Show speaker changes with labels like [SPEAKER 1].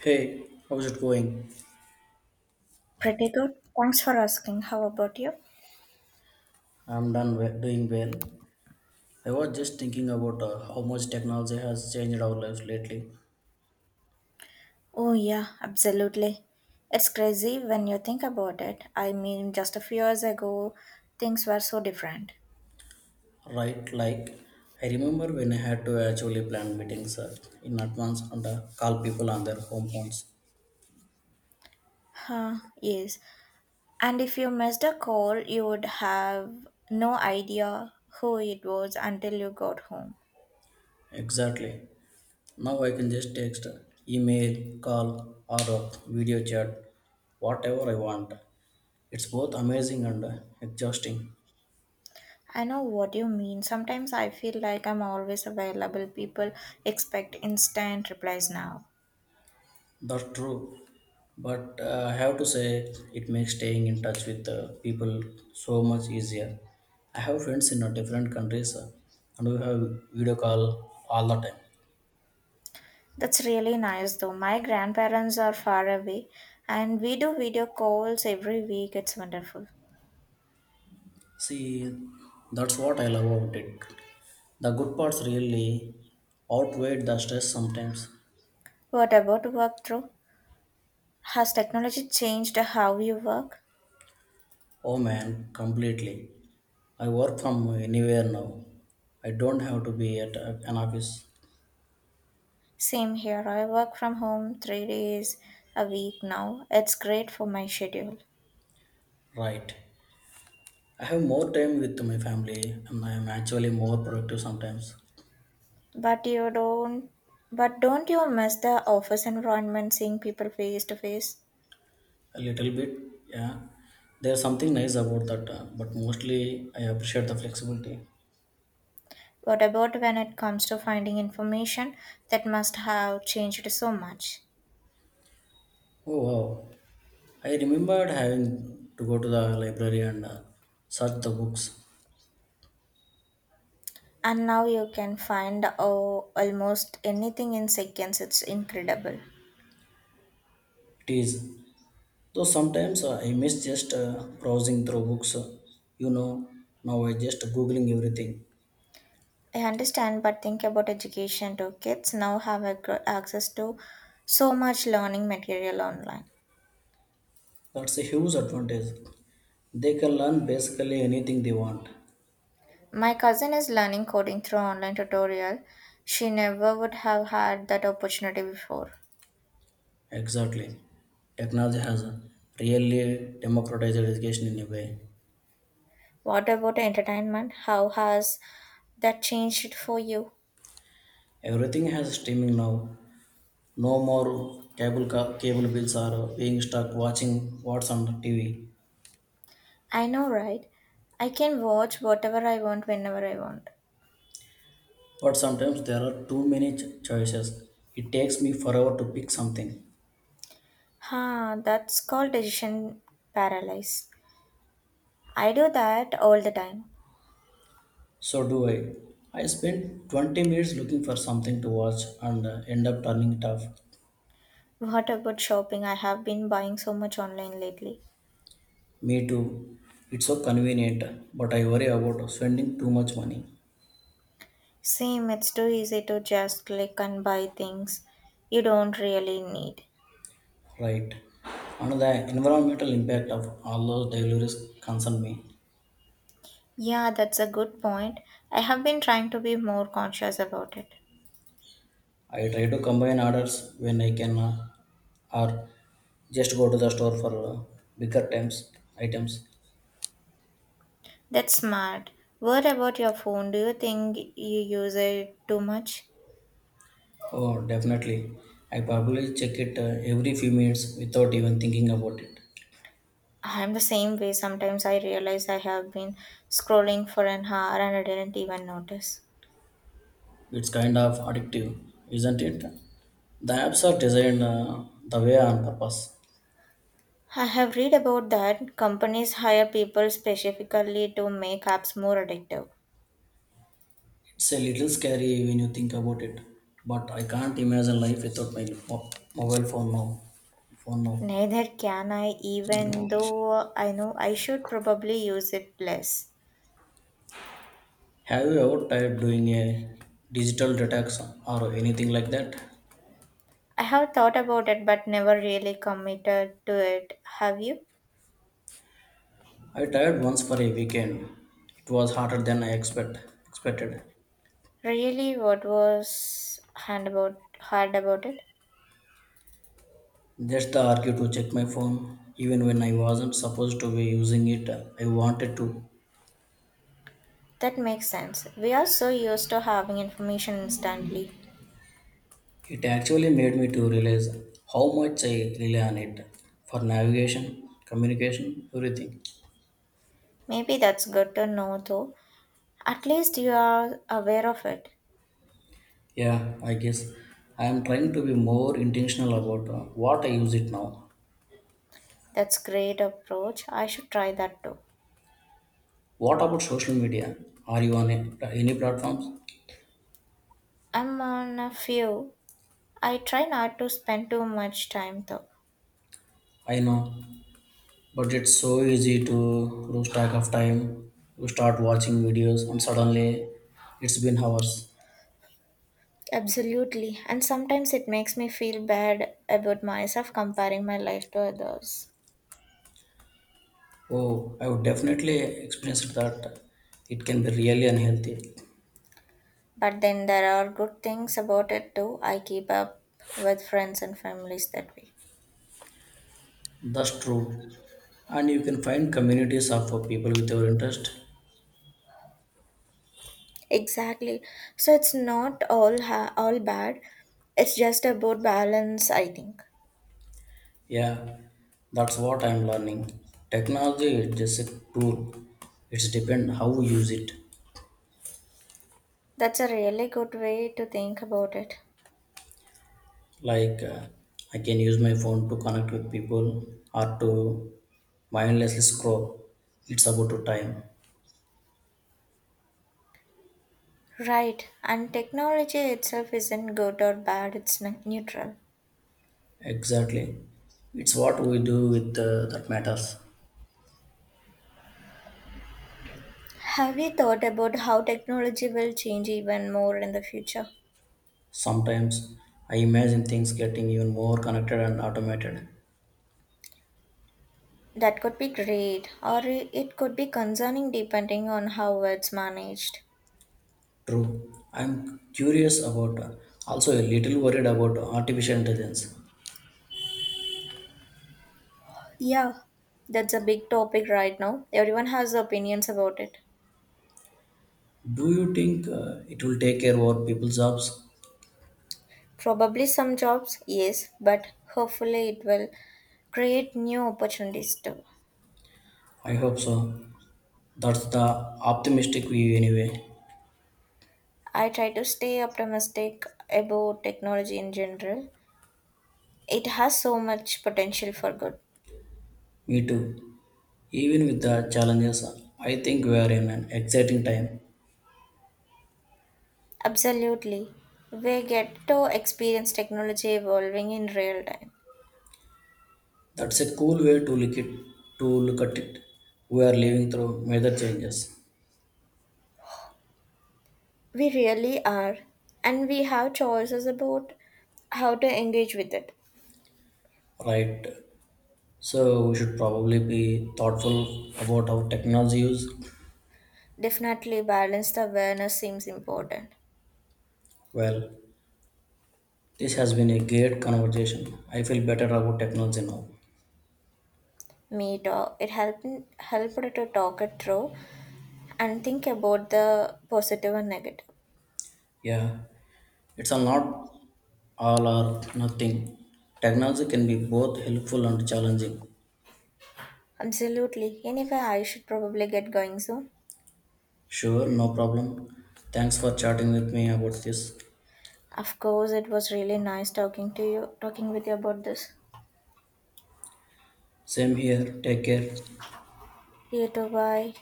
[SPEAKER 1] Hey, how's it going?
[SPEAKER 2] Pretty good. Thanks for asking. How about you?
[SPEAKER 1] Doing well. I was just thinking about how much technology has changed our lives lately,
[SPEAKER 2] Oh, yeah, absolutely. It's crazy when you think about it. I mean, just a few years ago, things were so different.
[SPEAKER 1] right? Like, I remember when I had to actually plan meetings in advance and call people on their home phones.
[SPEAKER 2] Huh, yes. And if you missed a call, you would have no idea who it was until you got home.
[SPEAKER 1] Exactly. Now I can just text, email, call, or video chat, whatever I want. It's both amazing and exhausting.
[SPEAKER 2] I know what you mean. Sometimes I feel like I'm always available. People expect instant replies now.
[SPEAKER 1] That's true. But I have to say, it makes staying in touch with people so much easier. I have friends in different countries, and we have video call all the time.
[SPEAKER 2] That's really nice though. My grandparents are far away and we do video calls every week. It's wonderful.
[SPEAKER 1] See, that's what I love about it. The good parts really outweigh the stress sometimes.
[SPEAKER 2] What about work through? Has technology changed how you work?
[SPEAKER 1] Oh man, completely. I work from anywhere now. I don't have to be at an office.
[SPEAKER 2] Same here. I work from home 3 days a week now. It's great for my schedule.
[SPEAKER 1] Right. I have more time with my family and I am actually more productive sometimes.
[SPEAKER 2] But you don't but don't you miss the office environment, seeing people face to face?
[SPEAKER 1] A little bit, yeah. There's something nice about that, but mostly I appreciate the flexibility.
[SPEAKER 2] What about when it comes to finding information? That must have changed so much.
[SPEAKER 1] Oh wow. I remembered having to go to the library and search the books.
[SPEAKER 2] And now you can find, oh, almost anything in seconds. It's incredible.
[SPEAKER 1] It is. Though sometimes I miss just browsing through books. You know, now I just googling everything.
[SPEAKER 2] I understand, but think about education too. Kids now have access to so much learning material online.
[SPEAKER 1] That's a huge advantage. They can learn basically anything they want.
[SPEAKER 2] My cousin is learning coding through online tutorial. She never would have had that opportunity before.
[SPEAKER 1] Exactly. Technology has really democratized education in a way.
[SPEAKER 2] What about entertainment? How has that changed it for you?
[SPEAKER 1] Everything has streaming now. No more cable bills are being stuck watching what's on TV.
[SPEAKER 2] I know, right? I can watch whatever I want whenever I want.
[SPEAKER 1] But sometimes there are too choices. It takes me forever to pick something.
[SPEAKER 2] Huh, that's called decision paralysis. I do that all the time.
[SPEAKER 1] So do I. I spend 20 minutes looking for something to watch and end up turning it off.
[SPEAKER 2] What about shopping? I have been buying so much online lately.
[SPEAKER 1] Me too. It's so convenient, but I worry about spending too much money.
[SPEAKER 2] Same, it's too easy to just click and buy things you don't really need.
[SPEAKER 1] Right. And the environmental impact of all those deliveries concern me.
[SPEAKER 2] Yeah, that's a good point. I have been trying to be more conscious about it.
[SPEAKER 1] I try to combine orders when I can, or just go to the store for bigger times items.
[SPEAKER 2] That's smart. What about your phone? Do you think you use it too much?
[SPEAKER 1] Oh, definitely. I probably check it every few minutes without even thinking about it.
[SPEAKER 2] I'm the same way. Sometimes I realize I have been scrolling for an hour and I didn't even notice.
[SPEAKER 1] It's kind of addictive, isn't it? The apps are designed the way on purpose.
[SPEAKER 2] I have read about that, companies hire people specifically to make apps more addictive.
[SPEAKER 1] It's a little scary when you think about it, but I can't imagine life without mobile phone now. Phone now.
[SPEAKER 2] Neither can I,
[SPEAKER 1] No.
[SPEAKER 2] even though I know I should probably use it less.
[SPEAKER 1] Have you ever tried doing a digital detox or anything like that?
[SPEAKER 2] I have thought about it but never really committed to it. Have you?
[SPEAKER 1] I tried once for a weekend. It was harder than I expect expected.
[SPEAKER 2] Really, what was hard about it?
[SPEAKER 1] Just the urge to check my phone, even when I wasn't supposed to be using it. I wanted to.
[SPEAKER 2] That makes sense. We are so used to having information instantly.
[SPEAKER 1] It actually made me to realize how much I rely on it for navigation, communication, everything.
[SPEAKER 2] Maybe that's good to know though. At least you are aware of it.
[SPEAKER 1] Yeah, I guess I am trying to be more intentional about what I use it now.
[SPEAKER 2] That's great approach. I should try that too.
[SPEAKER 1] What about social media? Are you on it, any platforms?
[SPEAKER 2] I'm on a few. I try not to spend too much time though.
[SPEAKER 1] I know, but it's so easy to lose track of time. You start watching videos and suddenly it's been hours.
[SPEAKER 2] Absolutely. And sometimes it makes me feel bad about myself, comparing my life to others.
[SPEAKER 1] Oh, I would definitely experience that. It can be really unhealthy.
[SPEAKER 2] But then there are good things about it too. I keep up with friends and families that way.
[SPEAKER 1] That's true. And you can find communities of people with your interest.
[SPEAKER 2] Exactly. So it's not all all bad. It's just about balance, I think.
[SPEAKER 1] Yeah, that's what I'm learning. Technology is just a tool. It's depend how we use it.
[SPEAKER 2] That's a really good way to think about it.
[SPEAKER 1] Like I can use my phone to connect with people or to mindlessly scroll. It's about to time.
[SPEAKER 2] Right, and technology itself isn't good or bad, it's neutral.
[SPEAKER 1] Exactly. It's what we do with that matters.
[SPEAKER 2] Have you thought about how technology will change even more in the future?
[SPEAKER 1] Sometimes I imagine things getting even more connected and automated.
[SPEAKER 2] That could be great, or it could be concerning depending on how it's managed.
[SPEAKER 1] True. I'm curious about, also a little worried about artificial intelligence.
[SPEAKER 2] Yeah, that's a big topic right now. Everyone has opinions about it.
[SPEAKER 1] Do you think it will take care of our people's jobs?
[SPEAKER 2] Probably some jobs, yes, but hopefully it will create new opportunities too.
[SPEAKER 1] I hope so. That's the optimistic view, anyway.
[SPEAKER 2] I try to stay optimistic about technology in general. It has so much potential for good.
[SPEAKER 1] Me too. Even with the challenges, I think we are in an exciting time.
[SPEAKER 2] Absolutely. We get to experience technology evolving in real time.
[SPEAKER 1] That's a cool way to look it. To look at it, we are living through major changes,
[SPEAKER 2] We really are. And we have choices about how to engage with it.
[SPEAKER 1] right? So we should probably be thoughtful about our technology use.
[SPEAKER 2] Definitely, balance the awareness seems important.
[SPEAKER 1] Well. This has been a great conversation. I feel better about technology now.
[SPEAKER 2] Me too. It helped to talk it through and think about the positive and negative.
[SPEAKER 1] Yeah, it's a not all or nothing. Technology can be both helpful and challenging.
[SPEAKER 2] Absolutely. Anyway, I should probably get going soon.
[SPEAKER 1] Sure, no problem. Thanks for chatting with me about this.
[SPEAKER 2] Of course, it was really nice talking with you about this.
[SPEAKER 1] Same here. Take care.
[SPEAKER 2] You too, bye.